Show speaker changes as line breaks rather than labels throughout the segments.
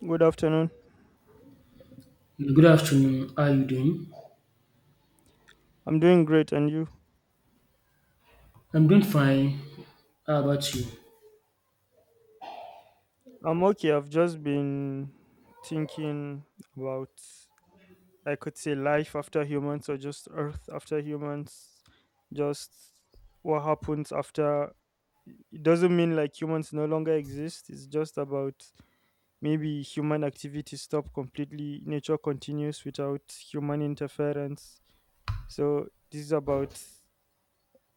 Good afternoon.
Good afternoon. How are you doing?
I'm doing great, and you?
I'm doing fine. How about you?
I'm okay. I've just been thinking about, I could say, life after humans or just Earth after humans. Just what happens after. It doesn't mean like humans no longer exist. It's just about maybe human activity stop completely. Nature continues without human interference. So this is about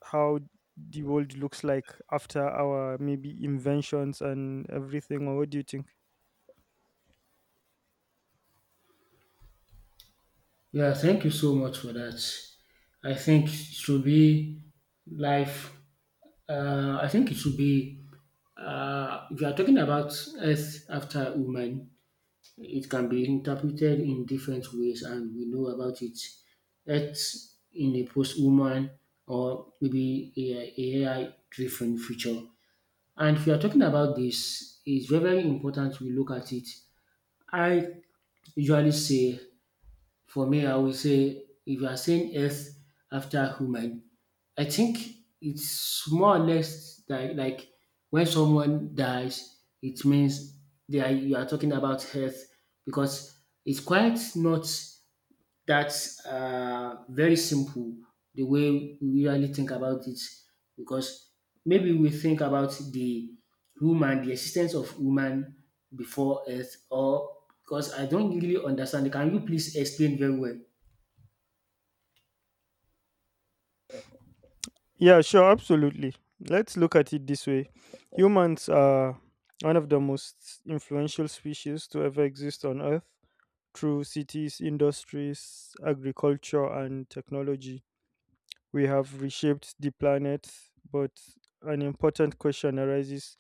how the world looks like after our maybe inventions and everything, or what do you think?
Yeah, thank you so much for that. I think it should be life. I think it should be. If you are talking about earth after woman, it can be interpreted in different ways, and we know about it. Earth in a post-woman or maybe a AI-driven future. And if you are talking about this, it's very very important we look at it. I usually say for me I will say if you are saying earth after human, I think it's more or less like when someone dies, it means they are you are talking about earth because it's quite not that's very simple the way we really think about it because maybe we think about the woman, the existence of woman before earth or because I don't really understand. Can you please explain very well?
Yeah, sure, absolutely. Let's look at it this way. Humans are one of the most influential species to ever exist on earth. Through cities, industries, agriculture and technology, we have reshaped the planet, but an important question arises: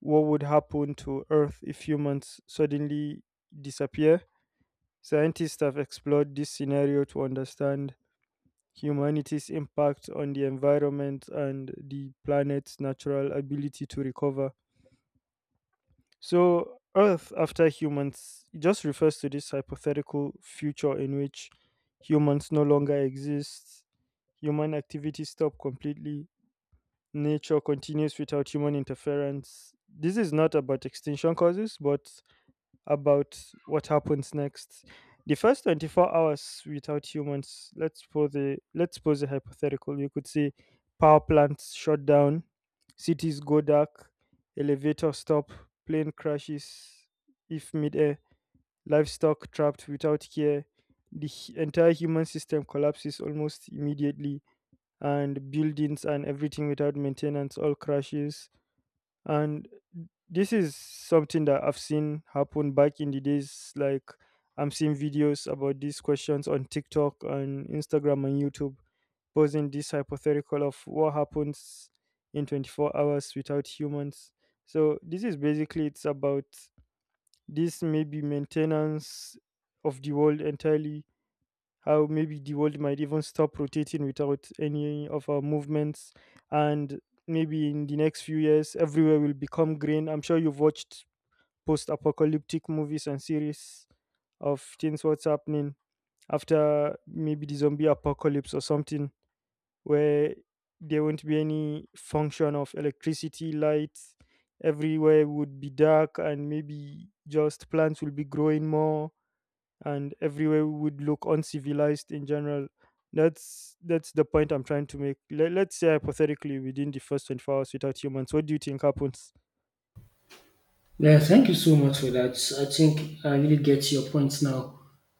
what would happen to earth if humans suddenly disappear? Scientists have explored this scenario to understand humanity's impact on the environment and the planet's natural ability to recover. So, Earth after humans, it just refers to this hypothetical future in which humans no longer exist, human activities stop completely, nature continues without human interference. This is not about extinction causes, but about what happens next. The first 24 hours without humans, let's pose a hypothetical. You could say power plants shut down, cities go dark, elevator stop, plane crashes if midair, livestock trapped without care, entire human system collapses almost immediately, and buildings and everything without maintenance all crashes. And this is something that I've seen happen back in the days. Like, I'm seeing videos about these questions on TikTok, on Instagram and YouTube, posing this hypothetical of what happens in 24 hours without humans. So this is basically, it's about this maybe maintenance of the world entirely. How maybe the world might even stop rotating without any of our movements, and maybe in the next few years everywhere will become green. I'm sure you've watched post apocalyptic movies and series of things, what's happening after maybe the zombie apocalypse or something, where there won't be any function of electricity lights, everywhere would be dark and maybe just plants will be growing more, and everywhere would look uncivilized in general. That's the point I'm trying to make. Let's say hypothetically, within the first 24 hours without humans, what do you think happens?
Yeah, thank you so much for that. I think I really get your point now.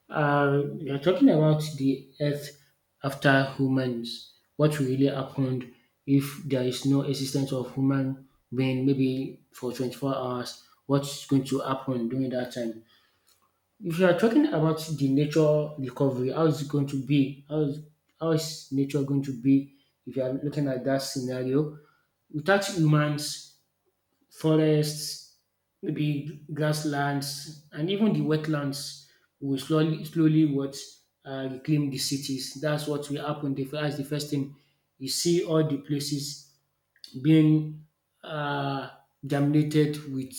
We are talking about the Earth after humans. What really happened if there is no existence of human being, maybe for 24 hours? What's going to happen during that time? If you are talking about the nature recovery, how is it going to be? How is nature going to be if you are looking at that scenario? Without humans, forests, maybe grasslands and even the wetlands we will slowly what reclaim the cities. That's what will happen, that's the first thing. You see all the places being uh, dominated with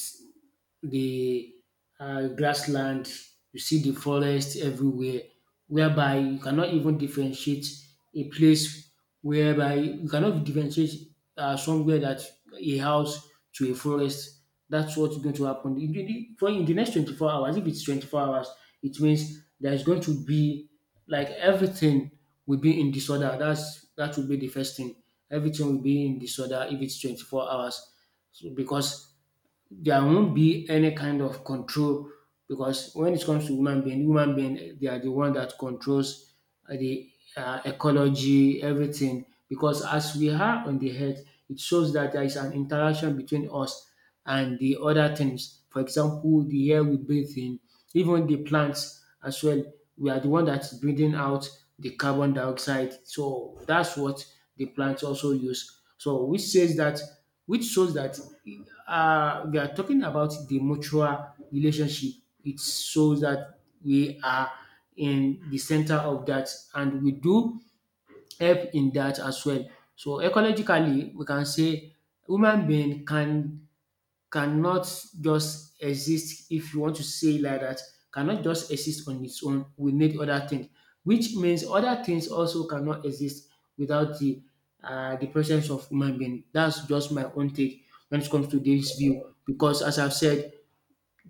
the grassland, you see the forest everywhere, whereby you cannot even differentiate a place, whereby you cannot differentiate somewhere that a house to a forest. That's what's going to happen. For in the next 24 hours, if it's 24 hours, it means there's going to be like everything will be in disorder. That will be the first thing. Everything will be in disorder if it's 24 hours. So because there won't be any kind of control, because when it comes to human being, they are the one that controls the ecology, everything. Because as we are on the earth, it shows that there is an interaction between us and the other things. For example, the air we breathe in, even the plants as well. We are the one that's breathing out the carbon dioxide. So that's what the plants also use. So which shows that we are talking about the mutual relationship. It shows that we are in the center of that and we do help in that as well. So ecologically, we can say human being cannot just exist, if you want to say like that, cannot just exist on its own. We need other things, which means other things also cannot exist without the the presence of human being. That's just my own take when it comes to this view, because as I've said,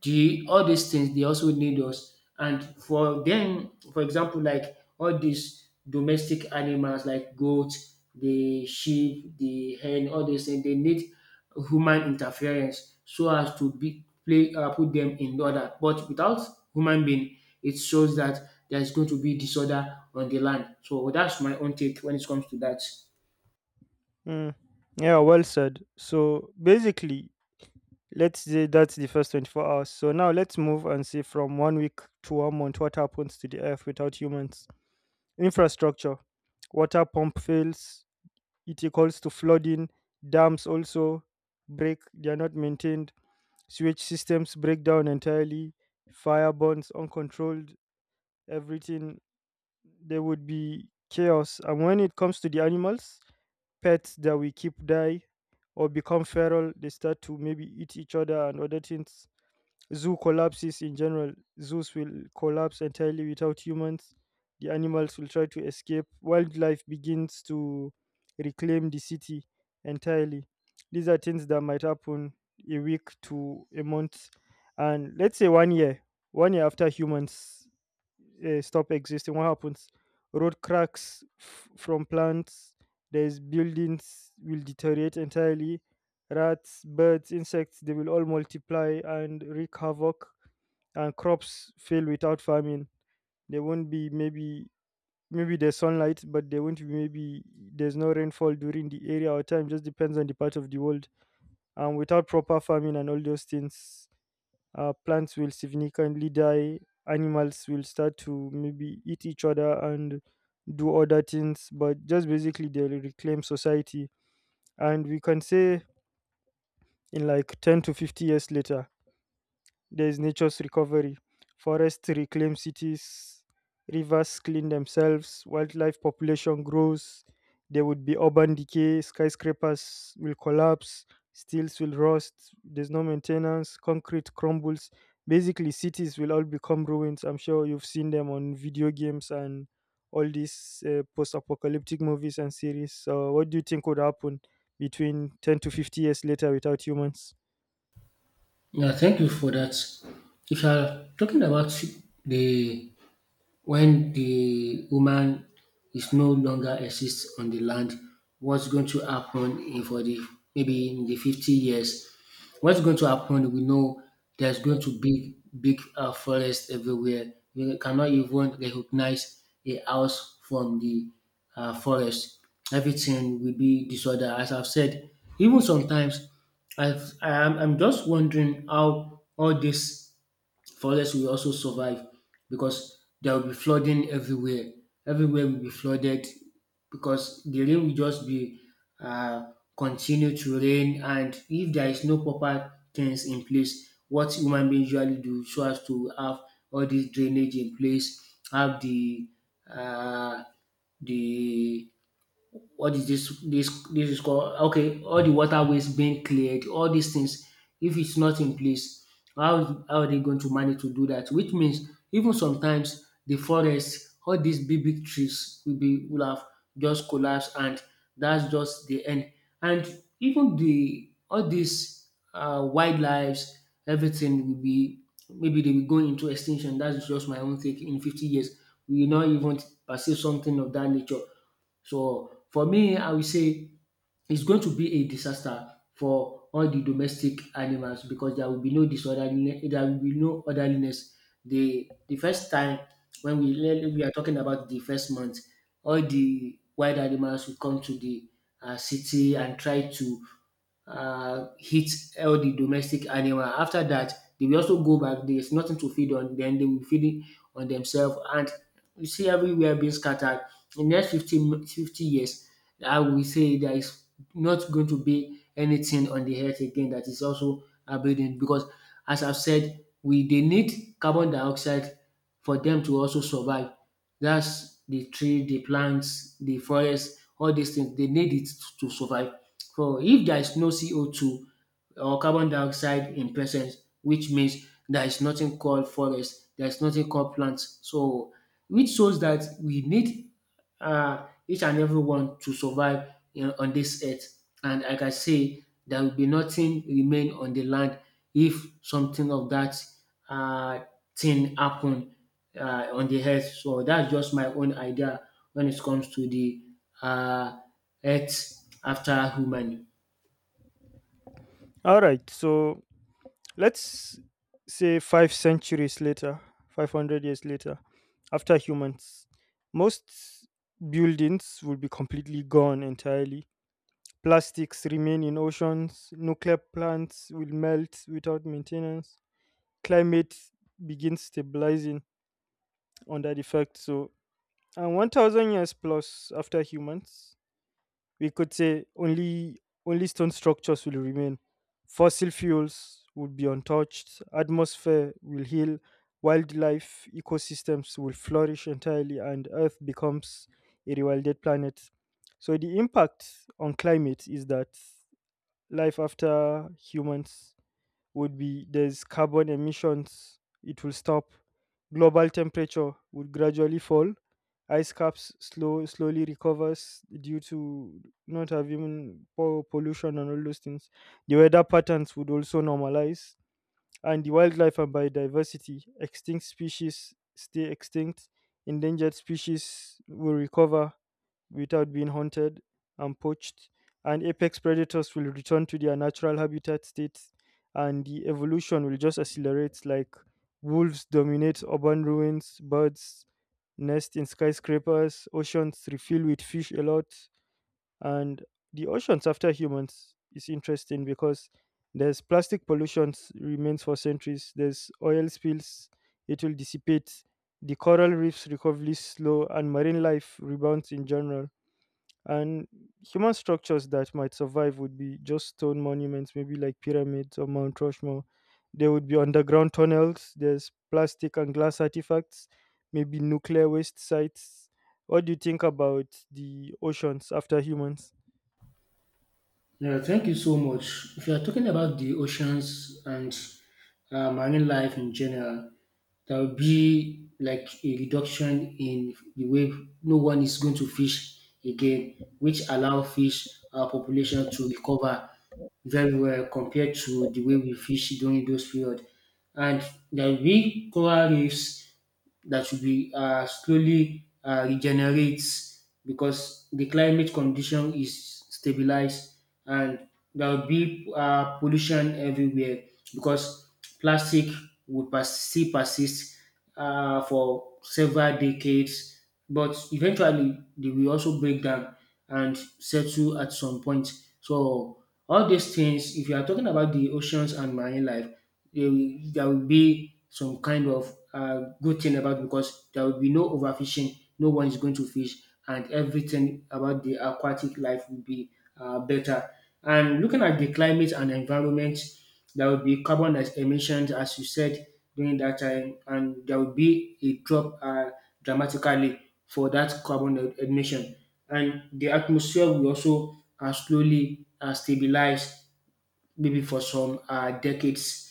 the all these things they also need us. And for them, for example, like all these domestic animals like goat, the sheep, the hen, all these things they need human interference so as to be play put them in order. But without human being, it shows that there is going to be disorder on the land. So that's my own take when it comes to that.
Mm. Yeah, well said. So basically, let's say that's the first 24 hours. So now let's move and see from 1 week to 1 month what happens to the earth without humans. Infrastructure, water pump fails, it equals to flooding, dams also break, they are not maintained, sewage systems break down entirely, fire burns uncontrolled, everything, there would be chaos. And when it comes to the animals, pets that we keep die or become feral, they start to maybe eat each other and other things. Zoo collapses in general. Zoos will collapse entirely without humans. The animals will try to escape. Wildlife begins to reclaim the city entirely. These are things that might happen a week to a month, and let's say 1 year, 1 year after humans stop existing. What happens? Road cracks from plants, there's buildings will deteriorate entirely, rats, birds, insects, they will all multiply and wreak havoc, and crops fail without farming. There won't be maybe, maybe there's sunlight, but there won't be maybe, there's no rainfall during the area or time, just depends on the part of the world. And without proper farming and all those things, plants will significantly die, animals will start to maybe eat each other and do other things, but just basically they'll reclaim society. And we can say in like 10 to 50 years later, there's nature's recovery. Forests reclaim cities, rivers clean themselves, wildlife population grows. There would be urban decay, skyscrapers will collapse, steels will rust, there's no maintenance, concrete crumbles. Basically, cities will all become ruins. I'm sure you've seen them on video games and all these post apocalyptic movies and series. So, what do you think would happen between 10 to 50 years later without humans?
Yeah, thank you for that. If you are talking about the when the woman is no longer exists on the land, what's going to happen in for the maybe in the 50 years? What's going to happen? We know there's going to be big forest everywhere. We cannot even recognize a house from the forest. Everything will be disorder. As I've said, even sometimes I'm just wondering how all this forests will also survive, because there will be flooding everywhere. Everywhere will be flooded because the rain will just be continue to rain. And if there is no proper things in place, what human beings usually do so as to have all this drainage in place, have uh, the what is this is called. Okay, all the waterways being cleared, all these things, if it's not in place, how are they going to manage to do that? Which means even sometimes the forest, all these big trees will have just collapsed, and that's just the end. And even the all these wildlives, everything will be, maybe they will go into extinction. That's just my own take. In 50 years, we will not even perceive something of that nature. So for me, I will say it's going to be a disaster for all the domestic animals, because there will be no disorderliness, there will be no orderliness. The first time when we are talking about the first month, all the wild animals will come to the city and try to hit all the domestic animal. After that, they will also go back. There's nothing to feed on, then they will feed on themselves. And you see everywhere being scattered. In the next 50 years, I will say there is not going to be anything on the earth again that is also abiding, because as I've said, we they need carbon dioxide for them to also survive. That's the tree, the plants, the forest, all these things. They need it to survive. For if there is no CO2 or carbon dioxide in presence, which means there is nothing called forest, there is nothing called plants. So which shows that we need each and everyone to survive in on this earth. And like I say, there will be nothing remain on the land if something of that um thing happen on the earth. So that's just my own idea when it comes to the um earth after human.
All right, so let's say five centuries later, 500 years later, after humans, most buildings will be completely gone entirely. Plastics remain in oceans, nuclear plants will melt without maintenance, climate begins stabilizing under the fact. So, and 1000 years plus after humans, we could say only stone structures will remain. Fossil fuels would be untouched, atmosphere will heal, wildlife ecosystems will flourish entirely, and Earth becomes a rewilded planet. So the impact on climate is that life after humans would be, there's carbon emissions, it will stop. Global temperature would gradually fall. Ice caps slowly recovers due to not having pollution and all those things. The weather patterns would also normalize. And the wildlife and biodiversity, extinct species stay extinct, endangered species will recover without being hunted and poached, and apex predators will return to their natural habitat states, and the evolution will just accelerate, like wolves dominate urban ruins, birds nest in skyscrapers, oceans refill with fish a lot, and the oceans after humans is interesting because there's plastic pollution remains for centuries, there's oil spills, it will dissipate, the coral reefs recovery is slow and marine life rebounds in general. And human structures that might survive would be just stone monuments, maybe like pyramids or Mount Rushmore. There would be underground tunnels, there's plastic and glass artifacts, maybe nuclear waste sites. What do you think about the oceans after humans?
Yeah, thank you so much. If you are talking about the oceans and marine life in general, there will be like a reduction in the way no one is going to fish again, which allow fish population to recover very well compared to the way we fish during those period. And there will be coral reefs that should be slowly regenerates because the climate condition is stabilized, and there will be pollution everywhere because plastic still persist for several decades, but eventually they will also break down and settle at some point. So all these things, if you are talking about the oceans and marine life, there will be some kind of good thing about it, because there will be no overfishing, no one is going to fish, and everything about the aquatic life will be better. And looking at the climate and environment, there will be emissions, as you said during that time, and there will be a drop dramatically for that emission. And the atmosphere will also slowly stabilize, maybe for some decades.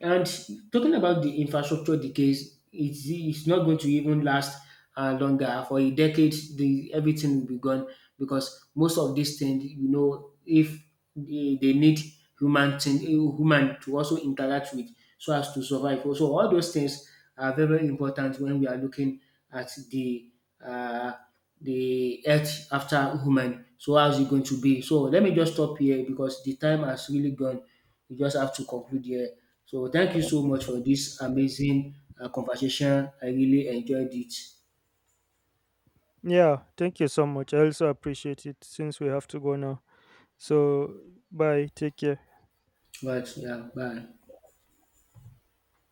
And talking about the infrastructure decays, it's not going to even last longer. For a decade, the everything will be gone, because most of these things, you know, if they need human to also interact with so as to survive. So all those things are very, very important when we are looking at the uh, the earth after human. So how's it going to be? So let me just stop here, because the time has really gone. We just have to conclude here. So thank you so much for this amazing conversation. I really enjoyed it.
Yeah, thank you so much. I also appreciate it since we have to go now. So, bye, take care.
But yeah, bye.